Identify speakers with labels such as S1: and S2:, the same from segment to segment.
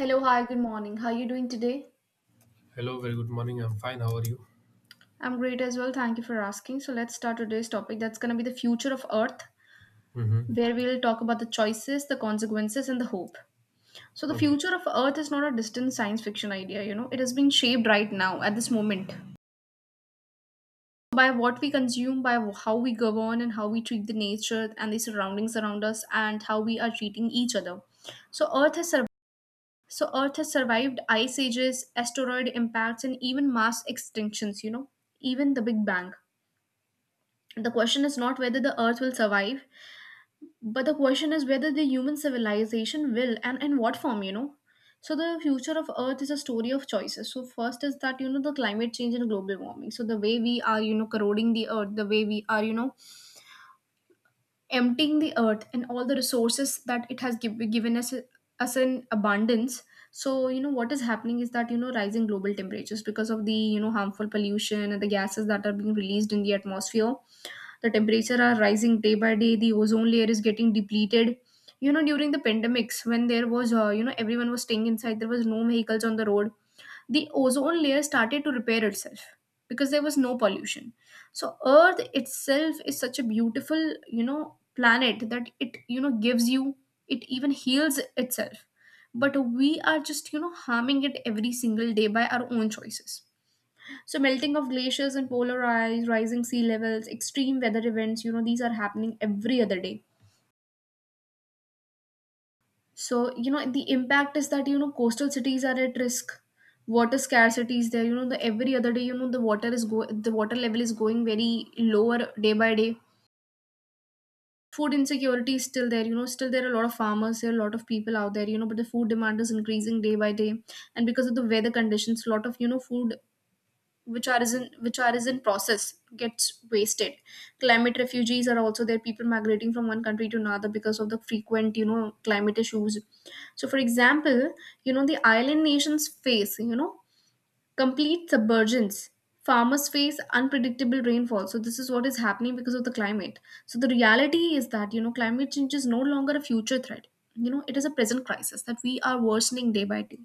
S1: Hello, hi, good morning. How are you doing today?
S2: Hello, very good morning. I'm fine. How are you?
S1: I'm great as well. Thank you for asking. So, let's start today's topic that's going to be the future of Earth,
S2: Mm-hmm.
S1: where we'll talk about the choices, the consequences, and the hope. So, the
S2: Okay.
S1: future of Earth is not a distant science fiction idea, it has been shaped right now at this moment by what we consume, by how we govern, and how we treat the nature and the surroundings around us, and how we are treating each other. So, Earth has survived So Earth has survived ice ages, asteroid impacts, and even mass extinctions, even the Big Bang. The question is not whether the Earth will survive, but the question is whether the human civilization will and in what form. So the future of Earth is a story of choices. So first is that, you know, the climate change and global warming. So the way we are, you know, corroding the earth, the way we are, you know, emptying the earth and all the resources that it has given us in abundance. So you know what is happening is that, you know, rising global temperatures because of the, you know, harmful pollution and the gases that are being released in the atmosphere. The temperature are rising day by day. The ozone layer is getting depleted. You know, during the pandemics, when there was you know, everyone was staying inside, there was no vehicles on the road, the ozone layer started to repair itself because there was no pollution. So earth itself is such a beautiful, you know, planet that it, you know, gives you, it even heals itself, but we are just, you know, harming it every single day by our own choices. So melting of glaciers and polar ice, rising sea levels, extreme weather events, you know, these are happening every other day. So, you know, the impact is that, you know, coastal cities are at risk. Water scarcity is there. You know, the every other day, you know, the water is go the water level is going very lower day by day. Food insecurity is still there. You know, still there are a lot of farmers, there are a lot of people out there, you know, but the food demand is increasing day by day. And because of the weather conditions, a lot of, you know, food which are is in process gets wasted. Climate refugees are also there, people migrating from one country to another because of the frequent, you know, climate issues. So for example, you know, the island nations face, you know, complete submergence. Farmers face unpredictable rainfall. So this is what is happening because of the climate. So the reality is that, you know, climate change is no longer a future threat, you know, it is a present crisis that we are worsening day by day.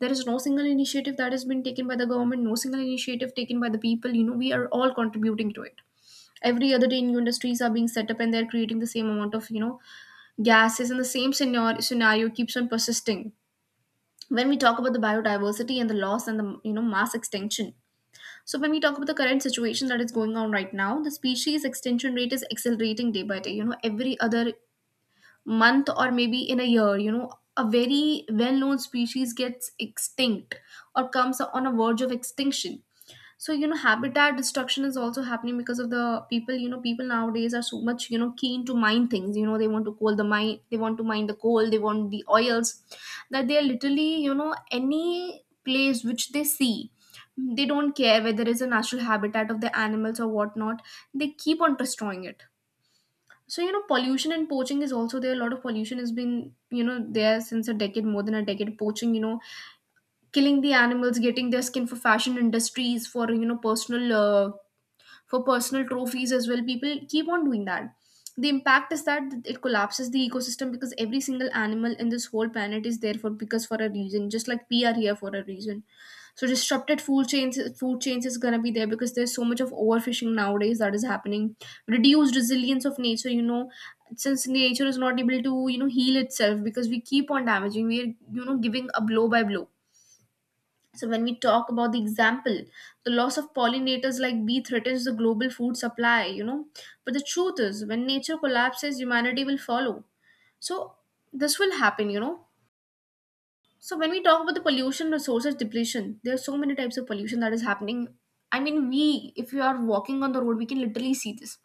S1: There is no single initiative that has been taken by the government, no single initiative taken by the people. You know, we are all contributing to it. Every other day new industries are being set up and they're creating the same amount of, you know, gases, and the same scenario keeps on persisting. When we talk about the biodiversity and the loss and the, you know, mass extinction, so when we talk about the current situation that is going on right now, the species extinction rate is accelerating day by day. You know, every other month, or maybe in a year, you know, a very well-known species gets extinct or comes on a verge of extinction. So, you know, habitat destruction is also happening because of the people. You know, people nowadays are so much, you know, keen to mine things. You know, they want to coal the mine, they want to mine the coal, they want the oils, that they are literally, you know, any place which they see, they don't care whether it's a natural habitat of the animals or whatnot, they keep on destroying it. So, you know, pollution and poaching is also there. A lot of pollution has been, you know, there since a decade, more than a decade. Poaching, you know, killing the animals, getting their skin for fashion industries, for, you know, personal for personal trophies as well. People keep on doing that. The impact is that it collapses the ecosystem, because every single animal in this whole planet is there for, because for a reason, just like we are here for a reason. So disrupted food chains is gonna be there because there's so much of overfishing nowadays that is happening. Reduced resilience of nature, you know, since nature is not able to, you know, heal itself because we keep on damaging. We are, you know, giving a blow by blow. So when we talk about the example, the loss of pollinators like bee threatens the global food supply, you know. But the truth is, when nature collapses, humanity will follow. So this will happen, you know. So when we talk about the pollution, resources depletion, there are so many types of pollution that is happening. I mean, we, if you are walking on the road, we can literally see this.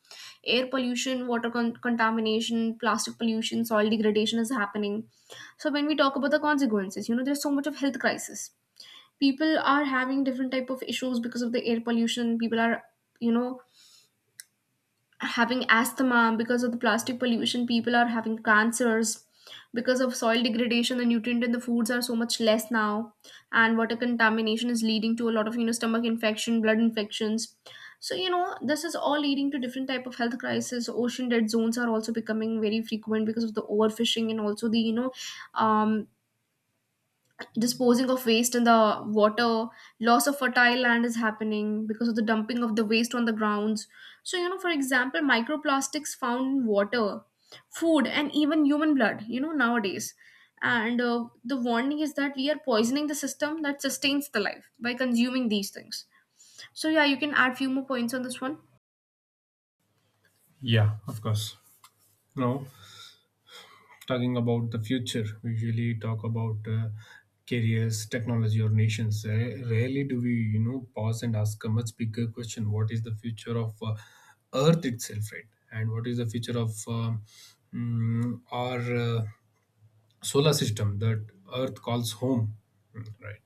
S1: Air pollution, water contamination, plastic pollution, soil degradation is happening. So when we talk about the consequences, you know, there's so much of health crisis. People are having different type of issues. Because of the air pollution, people are, you know, having asthma. Because of the plastic pollution, people are having cancers. Because of soil degradation, the nutrient in the foods are so much less now. And water contamination is leading to a lot of, you know, stomach infection, blood infections. So, you know, this is all leading to different type of health crisis. Ocean dead zones are also becoming very frequent because of the overfishing and also the, you know, um, disposing of waste in the water. Loss of fertile land is happening because of the dumping of the waste on the grounds. So, you know, for example, microplastics found in water, food, and even human blood, you know, nowadays. And the warning is that we are poisoning the system that sustains the life by consuming these things. So yeah, you can add few more points on this one.
S2: Yeah, of course. Now, talking about the future, we usually talk about careers, technology, or nations. Rarely do we, pause and ask a much bigger question: what is the future of Earth itself, right? And what is the future of our uh, solar system that Earth calls home. Right.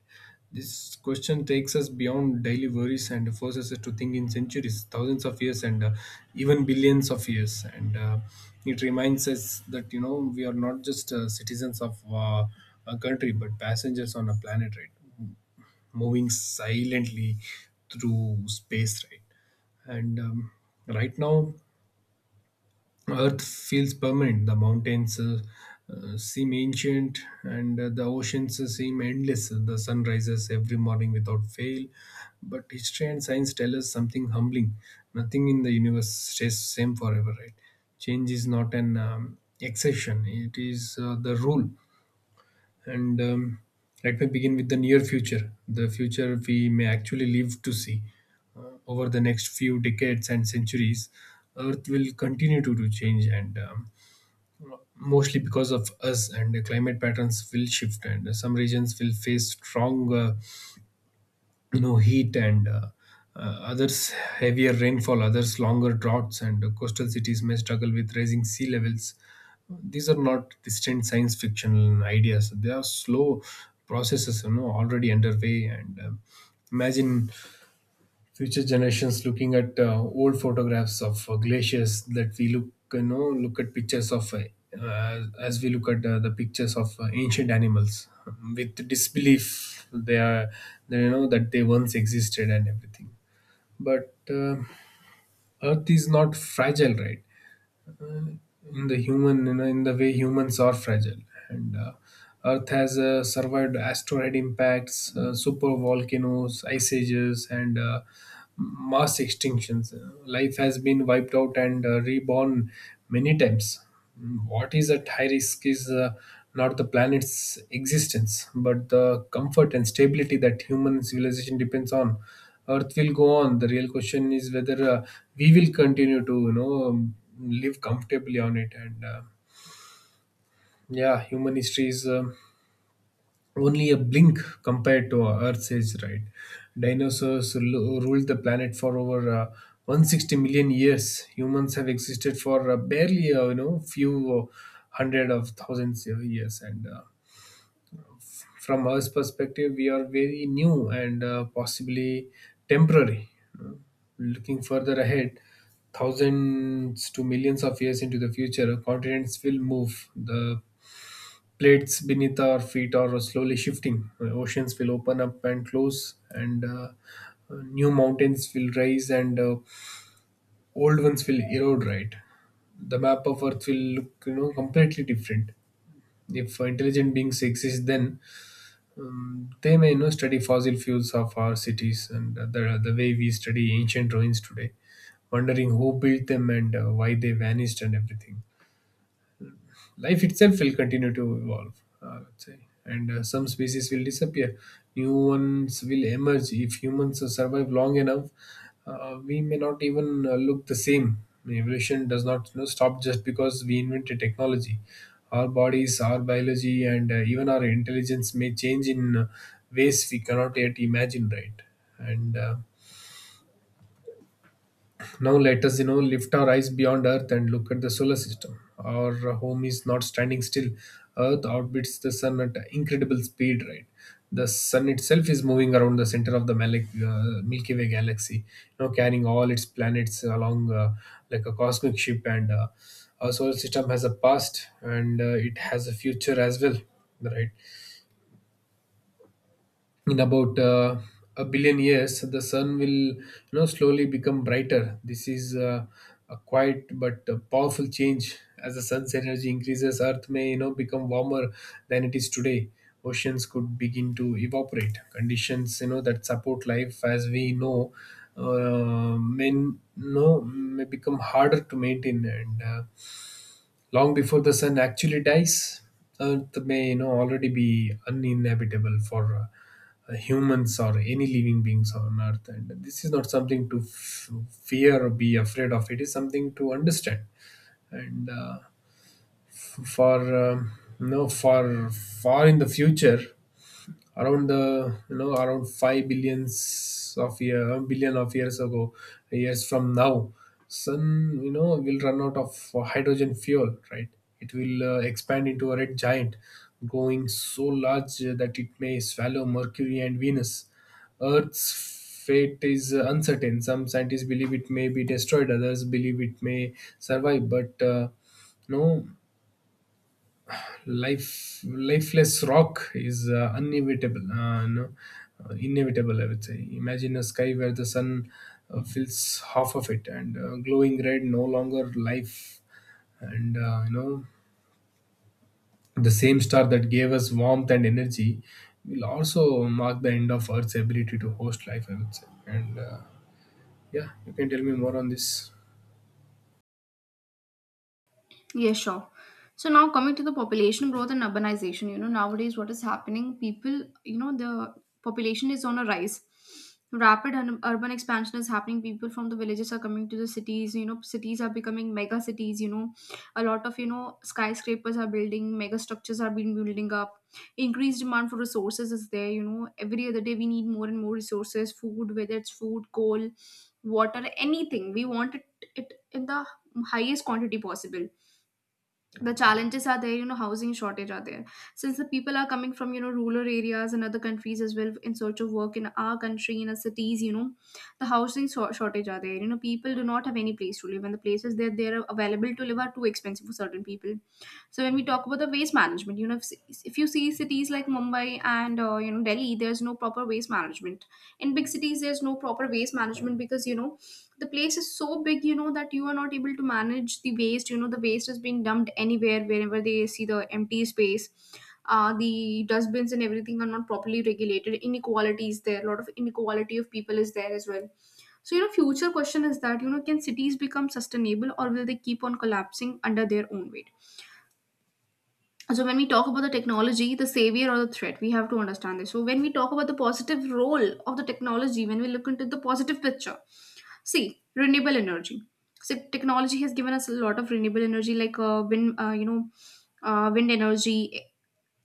S2: This question takes us beyond daily worries and forces us to think in centuries, thousands of years, and even billions of years. And it reminds us that you know we are not just citizens of a country, but passengers on a planet, right? Moving silently through space, right? and Right now Earth feels permanent. The mountains seem ancient, and the oceans seem endless. The sun rises every morning without fail. But history and science tell us something humbling. Nothing in the universe stays same forever, right? Change is not an exception; it is the rule. And Let me begin with the near future, the future we may actually live to see. Over the next few decades and centuries, earth will continue to change, and mostly because of us, and the climate patterns will shift, and some regions will face strong heat, and others heavier rainfall, others longer droughts, and coastal cities may struggle with rising sea levels. These are not distant science fiction ideas, they are slow processes, you know, already underway. And Imagine future generations looking at old photographs of glaciers that we look, look at pictures of as we look at the pictures of ancient animals with disbelief. They are, they know that they once existed and everything. But earth is not fragile, right, in the human, in the way humans are fragile. And earth has survived asteroid impacts, super volcanoes, ice ages, and mass extinctions. Life has been wiped out and reborn many times. What is at high risk is not the planet's existence, but the comfort and stability that human civilization depends on. Earth will go on. The real question is whether we will continue to, live comfortably on it. And yeah, human history is only a blink compared to our Earth's age, right? Dinosaurs ruled the planet for over 160 million years. Humans have existed for barely, few hundred of thousands of years. And from Earth's perspective, we are very new and possibly temporary. you know. Looking further ahead, thousands to millions of years into the future, continents will move. The plates beneath our feet are slowly shifting. Oceans will open up and close, and new mountains will rise, and old ones will erode. Right, the map of Earth will look, completely different. If intelligent beings exist, then they may, study fossil fuels of our cities and the way we study ancient ruins today, wondering who built them and why they vanished and everything. Life itself will continue to evolve, I would say, and some species will disappear, new ones will emerge. If humans survive long enough, we may not even look the same. Evolution does not, stop just because we invented technology. Our bodies, our biology, and even our intelligence may change in ways we cannot yet imagine, right? And now let us, lift our eyes beyond Earth and look at the solar system. Our home is not standing still. Earth orbits the sun at incredible speed, right? The sun itself is moving around the center of the Milky Way galaxy, carrying all its planets along like a cosmic ship. And our solar system has a past, and it has a future as well, right? In about a billion years the sun will, slowly become brighter. This is a quiet but powerful change. As the sun's energy increases, earth may, become warmer than it is today. Oceans could begin to evaporate. Conditions, you know, that support life as we know, may no may become harder to maintain. And long before the sun actually dies, Earth may, you know, already be uninhabitable for humans or any living beings on Earth, and this is not something to fear or be afraid of. It is something to understand, and for for far in the future, around around five billions of year billion of years ago years from now, sun, you know, will run out of hydrogen fuel, right? It will expand into a red giant, growing so large that it may swallow mercury and venus. Earth's fate is uncertain. Some scientists believe it may be destroyed, others believe it may survive, but no life, lifeless rock is inevitable, no, inevitable, I would say. Imagine a sky where the sun fills half of it and glowing red, no longer life. And the same star that gave us warmth and energy will also mark the end of earth's ability to host life, I would say. And yeah, you can tell me more on this.
S1: Yeah, sure. So now coming to the population growth and urbanization, you know, nowadays what is happening, people, you know, the population is on a rise. Rapid urban expansion is happening. People from the villages are coming to the cities. You know, cities are becoming mega cities. You know, a lot of, you know, skyscrapers are building, mega structures are being building up. Increased demand for resources is there. You know, every other day we need more and more resources, food, whether it's food, coal, water, anything. We want it in the highest quantity possible. The challenges are there. You know, housing shortage are there. Since the people are coming from, you know, rural areas and other countries as well in search of work in our country, in our cities, you know, the shortage are there. You know, people do not have any place to live, and the places that they're available to live are too expensive for certain people. So when we talk about the waste management, you know, if you see cities like Mumbai and you know, Delhi, there's no proper waste management. In big cities there's no proper waste management because, you know, the place is so big, you know, that you are not able to manage the waste. You know, the waste is being dumped anywhere wherever they see the empty space. Uh, The dustbins and everything are not properly regulated. Inequality is there, a lot of inequality of people is there as well. So, you know, future question is that, you know, can cities become sustainable, or will they keep on collapsing under their own weight? So when we talk about the technology, the savior or the threat, we have to understand this. So when we talk about the positive role of the technology, when we look into the positive picture, see, renewable energy. So technology has given us a lot of renewable energy, like wind, wind energy,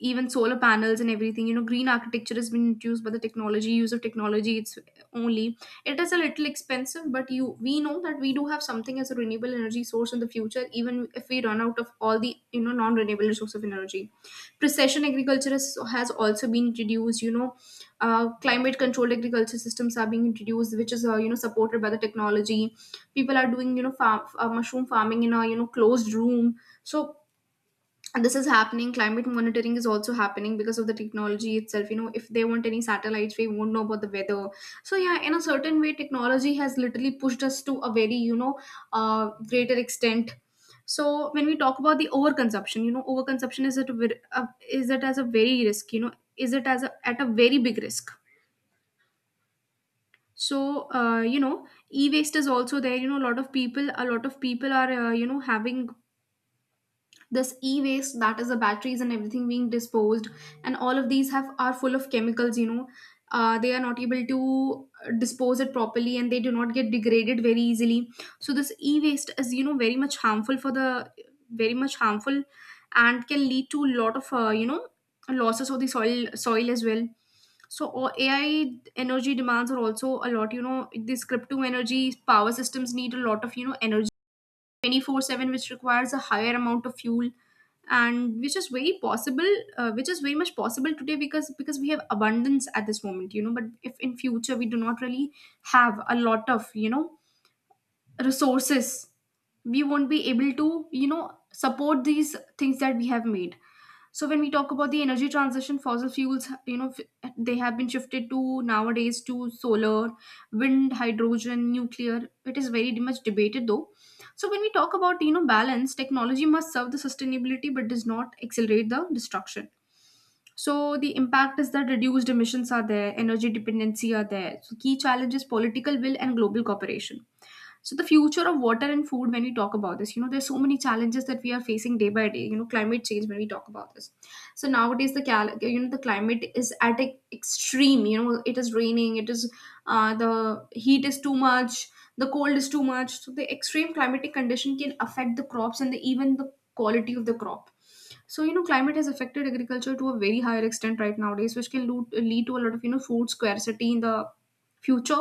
S1: even solar panels and everything. You know, green architecture has been introduced by the technology. Use of technology, it's only, it is a little expensive, but you we know that we do have something as a renewable energy source in the future, even if we run out of all the, you know, non renewable source of energy. Precision agriculture has also been introduced. Climate controlled agriculture systems are being introduced, which is supported by the technology. People are doing farm, mushroom farming in a closed room. So and this is happening. Climate monitoring is also happening because of the technology itself. You know, if they want any satellites, we won't know about the weather. So yeah, in a certain way, technology has literally pushed us to a very greater extent. So when we talk about the overconsumption, overconsumption, is it a, is it as a very risk, is it as a, at a very big risk? So e-waste is also there. You know, a lot of people are, having this e-waste, that is the batteries and everything being disposed. And all of these have are full of chemicals. They are not able to dispose it properly, and they do not get degraded very easily. So this e-waste is very much harmful for the, very much harmful, and can lead to a lot of, losses of the soil as well. So AI energy demands are also a lot. You know, these crypto energy power systems need a lot of energy 24/7, which requires a higher amount of fuel, and which is very possible, which is very much possible today, because we have abundance at this moment. You know, but if in future we do not really have a lot of resources, we won't be able to support these things that we have made. So when we talk about the energy transition, fossil fuels, they have been shifted to nowadays to solar, wind, hydrogen, nuclear. It is very much debated though. So when we talk about balance, technology must serve the sustainability but does not accelerate the destruction. So the impact is that reduced emissions are there, energy dependency are there. So key challenge is political will and global cooperation. So the future of water and food, when we talk about this, you know, there's so many challenges that we are facing day by day. You know, climate change, when we talk about this, so nowadays the the climate is at an extreme. You know, it is raining, it is, the heat is too much, the cold is too much. So the extreme climatic condition can affect the crops and the, even the quality of the crop. So, you know, climate has affected agriculture to a very higher extent, right, nowadays, which can lead to a lot of, you know, food scarcity in the future.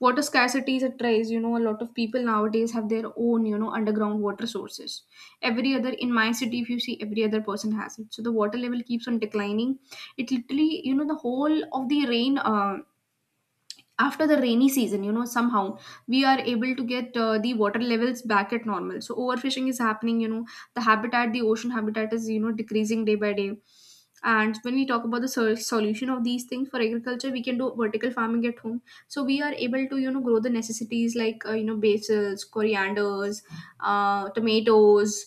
S1: Water scarcity is a trace. You know, a lot of people nowadays have their own, you know, underground water sources. Every other, in my city, if you see, every other person has it. So the water level keeps on declining. It literally, you know, the whole of the rain, after the rainy season, you know, somehow we are able to get, the water levels back at normal. So overfishing is happening. You know, the habitat, the ocean habitat is, you know, decreasing day by day. And when we talk about the solution of these things, for agriculture we can do vertical farming at home, so we are able to, you know, grow the necessities like, basils, corianders, tomatoes,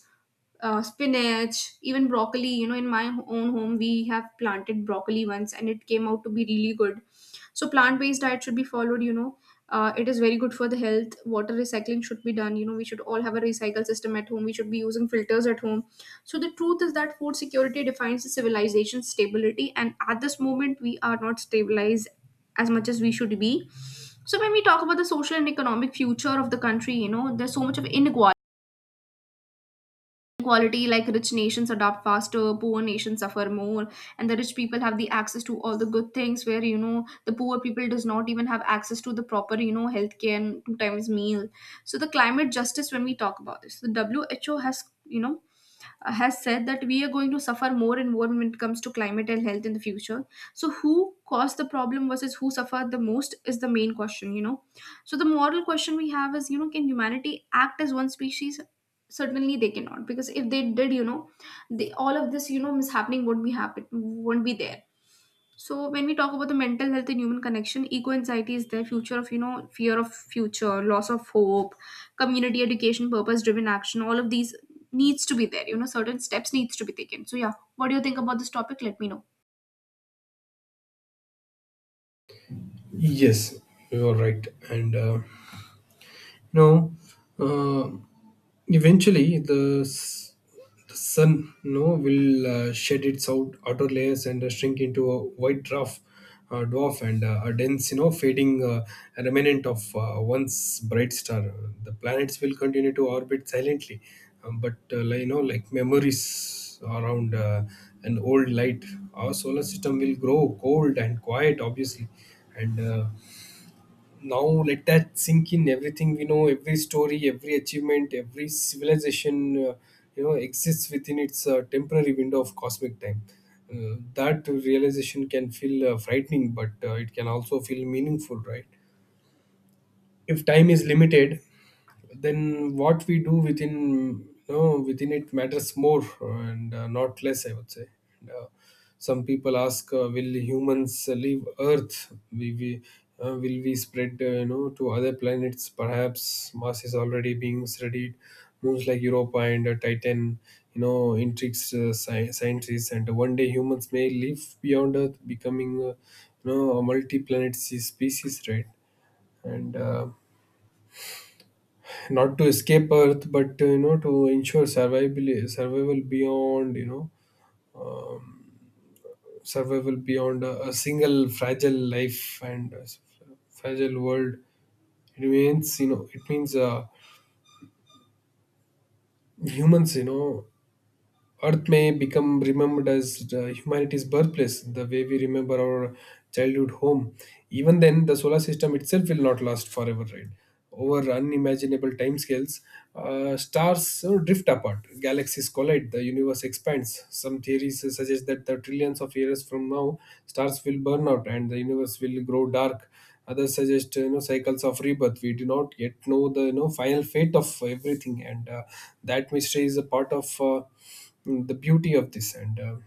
S1: spinach, even broccoli. You know, in my own home, we have planted broccoli once, and it came out to be really good. So plant-based diet should be followed. It is very good for the health. Water recycling should be done. You know, we should all have a recycle system at home, we should be using filters at home. So the truth is that food security defines the civilization's stability, and at this moment we are not stabilized as much as we should be. So when we talk about the social and economic future of the country, you know, there's so much of inequality. Inequality like rich nations adopt faster, poor nations suffer more, and the rich people have the access to all the good things, where you know the poor people does not even have access to the proper, you know, healthcare and two times meal. So the climate justice, when we talk about this, the WHO has, has said that we are going to suffer more and more when it comes to climate and health in the future. So, who caused the problem versus who suffered the most is the main question, you know. So, the moral question we have is, you know, can humanity act as one species? Certainly, they cannot, because if they did, you know, they, all of this, you know, mishappening won't be happen, won't be there. So when we talk about the mental health and human connection, eco anxiety is their future of, you know, fear of future, loss of hope, community education, purpose driven action. All of these needs to be there. You know, certain steps needs to be taken. So yeah, what do you think about this topic? Let me know.
S2: Yes, you are right. And no, uh, eventually, the sun, no, will shed its outer layers and shrink into a white dwarf, dwarf, and a dense, fading remnant of once bright star. The planets will continue to orbit silently, but like, like memories around an old light, our solar system will grow cold and quiet, obviously. And now let that sink in, everything we know, every story, every achievement, every civilization, exists within its temporary window of cosmic time. That realization can feel frightening, but it can also feel meaningful, right? If time is limited, then what we do within, within it, matters more, and not less, I would say. and, uh, some people ask, will humans leave earth, we will we spread, to other planets? Perhaps mars is already being studied. Moons like europa and titan, you know, intrigues scientists, and one day humans may live beyond earth, becoming a multi-planet species, right? And not to escape Earth, but to ensure survival beyond, survival beyond a single fragile life and fragile world. It means, you know, it means humans, you know, Earth may become remembered as the humanity's birthplace, the way we remember our childhood home. Even then, the solar system itself will not last forever, right? Over unimaginable timescales, stars drift apart, galaxies collide, the universe expands. Some theories suggest that the trillions of years from now, stars will burn out and the universe will grow dark. Others suggest, you know, cycles of rebirth. We do not yet know the, you know, final fate of everything, and that mystery is a part of. The beauty of this. And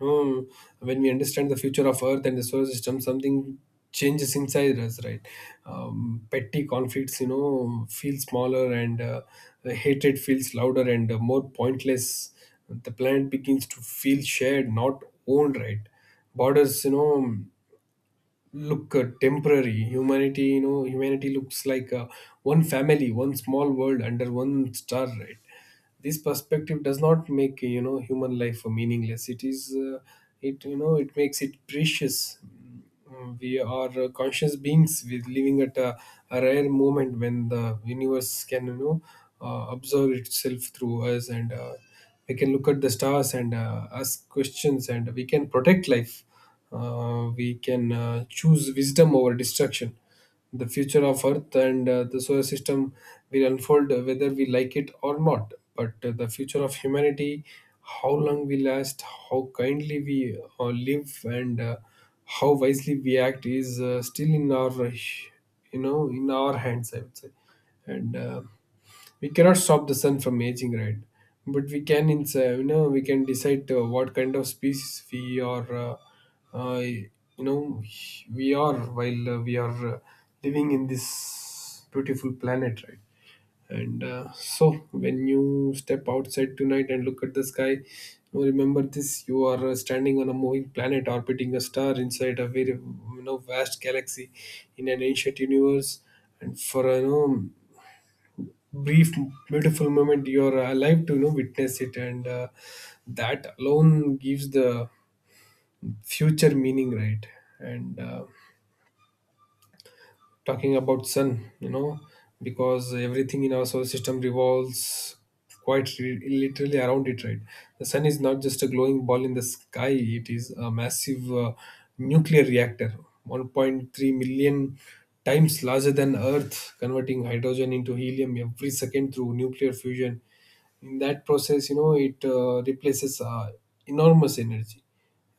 S2: um, when we understand the future of earth and the solar system, something changes inside us, right? Petty conflicts, you know, feel smaller, and the hatred feels louder and more pointless. The planet begins to feel shared, not owned, right? Borders, you know, look temporary. Humanity you know Humanity looks like one family, one small world under one star, right? This perspective does not make, you know, human life meaningless, it is it, you know, it makes it precious. We are conscious beings with living at a rare moment when the universe can, observe itself through us, and we can look at the stars and ask questions, and we can protect life, we can choose wisdom over destruction. The future of Earth and the solar system will unfold whether we like it or not. But the future of humanity, how long we last, how kindly we live, and how wisely we act, is still in our, in our hands, I would say. And. We cannot stop the sun from aging, right? But we can we can decide what kind of species we are, uh, you know we are while we are living in this beautiful planet, right? and So when you step outside tonight and look at the sky, you know, remember this, you are standing on a moving planet, orbiting a star, inside a very, you know, vast galaxy in an ancient universe. And for, you know, brief beautiful moment you're alive to, you know, witness it. And that alone gives the future meaning, right? And talking about sun, you know, because everything in our solar system revolves quite literally around it, right? The sun is not just a glowing ball in the sky, it is a massive nuclear reactor, 1.3 million times larger than earth, converting hydrogen into helium every second through nuclear fusion. In that process, you know, it replaces enormous energy.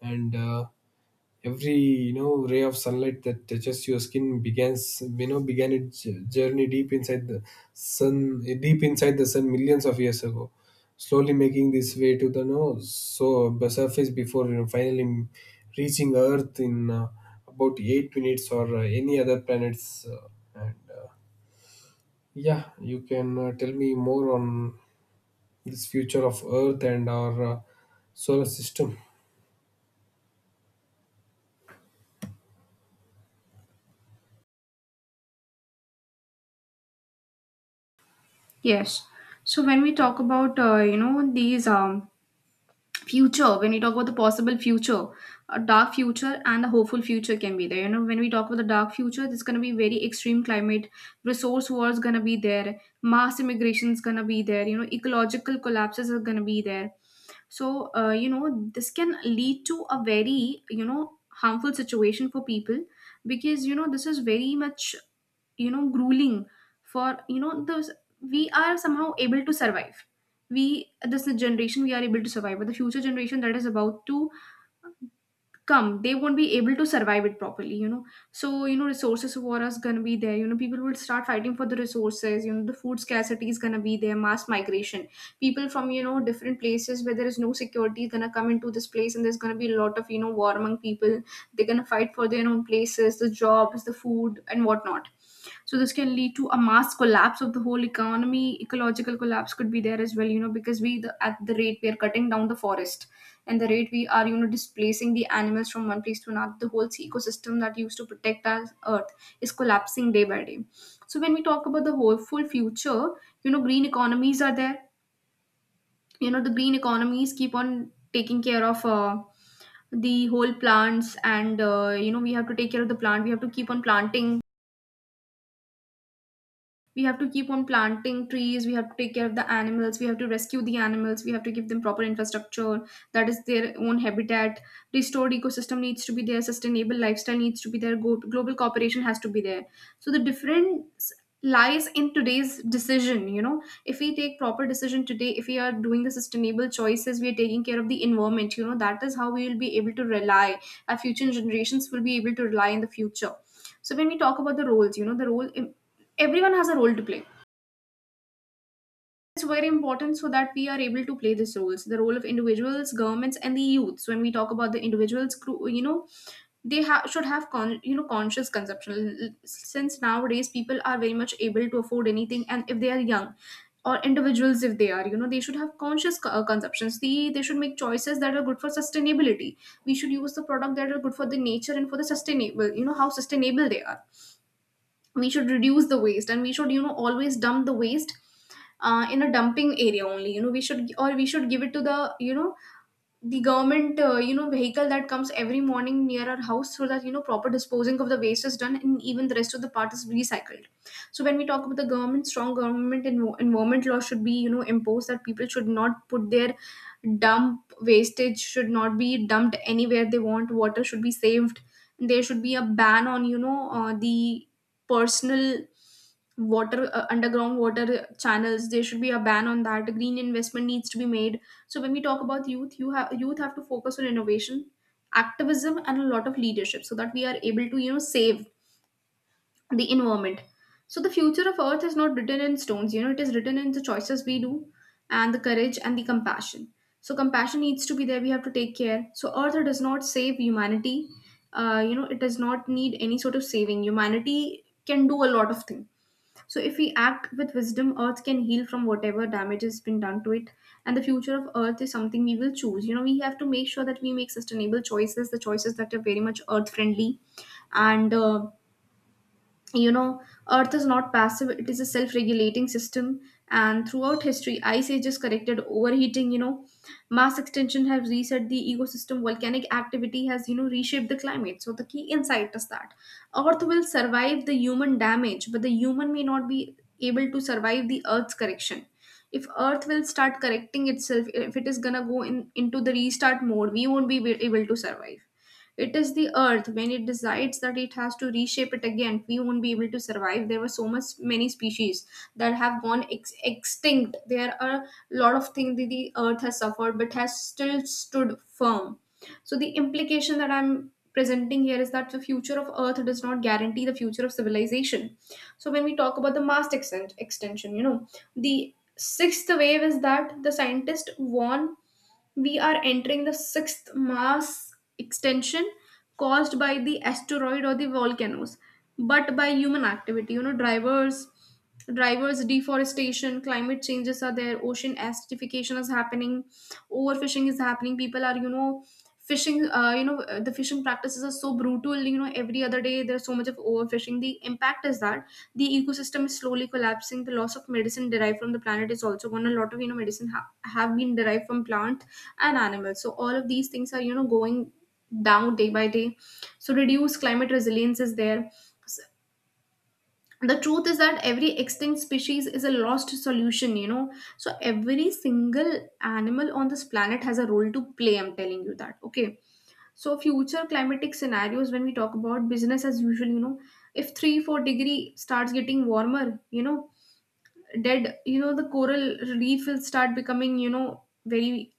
S2: And every, you know, ray of sunlight that touches your skin begins, began its journey deep inside the sun deep inside the sun millions of years ago, slowly making this way to the nose, so the surface before, you know, finally reaching earth in about 8 minutes, or any other planets. And uh, yeah, you can tell me more on this future of earth and our solar system.
S1: Yes. So when we talk about, these future, when we talk about the possible future, a dark future and a hopeful future can be there. You know, when we talk about the dark future, there's going to be very extreme climate, resource wars going to be there, mass immigration is going to be there, you know, ecological collapses are going to be there. So, this can lead to a very, you know, harmful situation for people, because you know this is very much, you know, grueling for, you know, those, we are somehow able to survive. We, this generation, we are able to survive, but the future generation that is about to come, they won't be able to survive it properly, you know. So you know resources war is gonna be there. You know, people will start fighting for the resources, you know, the food scarcity is gonna be there, mass migration, people from you know different places where there is no security is gonna come into this place, and there's gonna be a lot of, you know, war among people. They're gonna fight for their own places, the jobs, the food, and whatnot. So this can lead to a mass collapse of the whole economy. Ecological collapse could be there as well, you know, because we the, at the rate we are cutting down the forest, and the rate we are, you know, displacing the animals from one place to another, the whole ecosystem that used to protect our earth is collapsing day by day. So when we talk about the whole full future, you know, green economies are there. You know, the green economies keep on taking care of. The whole plants and, we have to take care of the plant, we have to keep on planting, we have to keep on planting trees, we have to take care of the animals, we have to rescue the animals, we have to give them proper infrastructure that is their own habitat. Restored ecosystem needs to be there, sustainable lifestyle needs to be there, global cooperation has to be there. So the difference lies in today's decision. You know, if we take proper decision today, if we are doing the sustainable choices, we are taking care of the environment, you know, that is how we will be able to rely, our future generations will be able to rely in the future. So when we talk about the roles, you know, the role, everyone has a role to play. It's very important so that we are able to play these roles, the role of individuals, governments, and the youths. When we talk about the individuals, they should have conscious consumption. Since nowadays people are very much able to afford anything, and if they are young, or individuals if they are they should have conscious consumptions. They should make choices that are good for sustainability. We should use the product that are good for the nature and for the sustainable, how sustainable they are. We should reduce the waste, and we should always dump the waste in a dumping area only. We should, or we should give it to the the government vehicle that comes every morning near our house, so that proper disposing of the waste is done, and even the rest of the part is recycled. So when we talk about the government, strong government environment law should be imposed, that people should not put their dump wastage should not be dumped anywhere they want. Water should be saved. There should be a ban on the personal water underground water channels. There should be a ban on that. Green investment needs to be made. So when we talk about youth, youth have to focus on innovation, activism, and a lot of leadership, so that we are able to save the environment. So the future of Earth is not written in stones. It is written in the choices we do, and the courage and the compassion. So compassion needs to be there. We have to take care. So Earth does not save humanity. It does not need any sort of saving. Humanity can do a lot of things, so if we act with wisdom, Earth can heal from whatever damage has been done to it. And the future of Earth is something we will choose. We have to make sure that we make sustainable choices, the choices that are very much Earth friendly. And you know earth is not passive, it is a self-regulating system, and throughout history ice ages corrected overheating. Mass extinction have reset the ecosystem. Volcanic activity has reshaped the climate. So the key insight is that earth will survive the human damage, but the human may not be able to survive the earth's correction. If earth will start correcting itself, if it is gonna go in into the restart mode, we won't be able to survive. It is the earth, when it decides that it has to reshape it again, we won't be able to survive. There were so much many species that have gone extinct. There are a lot of things that the earth has suffered, but has still stood firm. So the implication that I'm presenting here is that the future of earth does not guarantee the future of civilization. So when we talk about the mass extent extension, the sixth wave is that the scientists warn we are entering the sixth mass extension, caused by the asteroid or the volcanoes, but by human activity. Drivers, deforestation, climate changes are there, ocean acidification is happening, overfishing is happening, people are fishing. The fishing practices are so brutal. Every other day there's so much of overfishing. The impact is that the ecosystem is slowly collapsing, the loss of medicine derived from the planet is also gone. A lot of medicine have been derived from plant and animals, so all of these things are going down day by day. So reduced climate resilience is there. S- the truth is that every extinct species is a lost solution. So every single animal on this planet has a role to play. I'm telling you that, okay? So future climatic scenarios, when we talk about business as usual, if 3 4 degree starts getting warmer, dead, the coral reef will start becoming very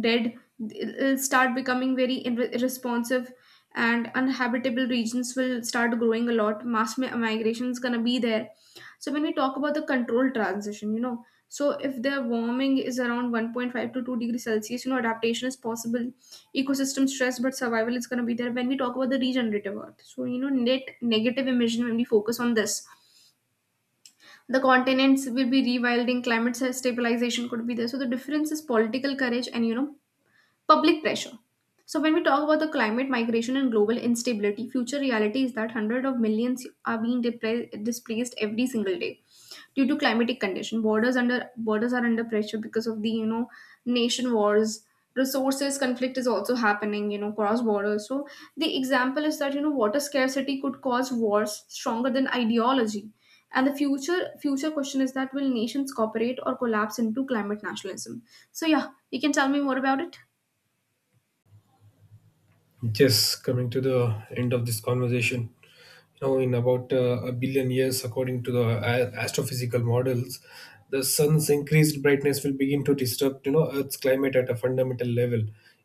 S1: dead. It'll start becoming very irresponsive, and uninhabitable regions will start growing a lot. Mass migration is going to be there. So when we talk about the controlled transition, so if the warming is around 1.5 to 2 degrees Celsius, adaptation is possible. Ecosystem stress, but survival is going to be there, when we talk about the regenerative earth. So, net negative emission, when we focus on this, the continents will be rewilding, climate stabilization could be there. So the difference is political courage and, public pressure. So when we talk about the climate migration and global instability, future reality is that hundreds of millions are being displaced every single day due to climatic condition. Borders under borders are under pressure because of the nation wars, resources conflict is also happening, you know, cross borders. So the example is that, water scarcity could cause wars stronger than ideology. And the future question is, that will nations cooperate or collapse into climate nationalism? So yeah, you can tell me more about it.
S2: Yes, coming to the end of this conversation, you know, in about a billion years, according to the astrophysical models, the sun's increased brightness will begin to disrupt, you know, Earth's climate at a fundamental level.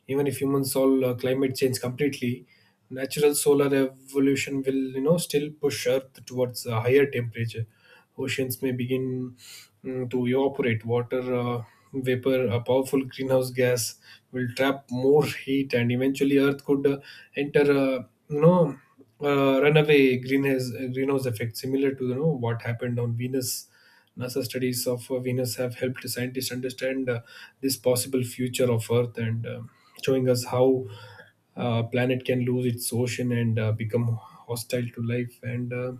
S2: Even if humans solve climate change completely, natural solar evolution will, you know, still push Earth towards a higher temperature. Oceans may begin to evaporate. Water vapor, a powerful greenhouse gas, will trap more heat, and eventually Earth could enter, you know, runaway greenhouse effect, similar to, you know, what happened on Venus. NASA studies of Venus have helped scientists understand this possible future of Earth, and showing us how planet can lose its ocean and become hostile to life. And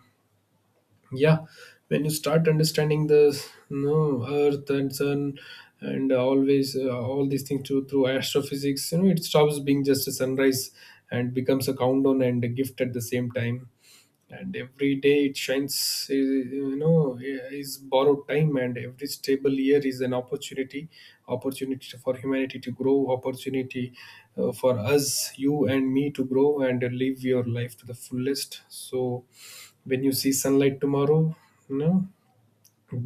S2: yeah, when you start understanding the no earth and sun and always all these things through, astrophysics, you know, it stops being just a sunrise and becomes a countdown and a gift at the same time. And every day it shines, is borrowed time, and every stable year is an opportunity for humanity to grow, opportunity for us, you and me, to grow and live your life to the fullest. So when you see sunlight tomorrow, you know,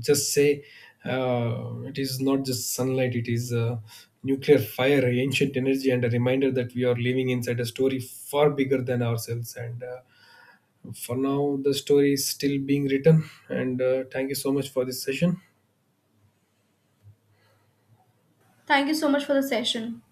S2: just say it is not just sunlight, it is nuclear fire, ancient energy, and a reminder that we are living inside a story far bigger than ourselves. And for now the story is still being written. And thank you so much for this session.
S1: Thank you so much for the session.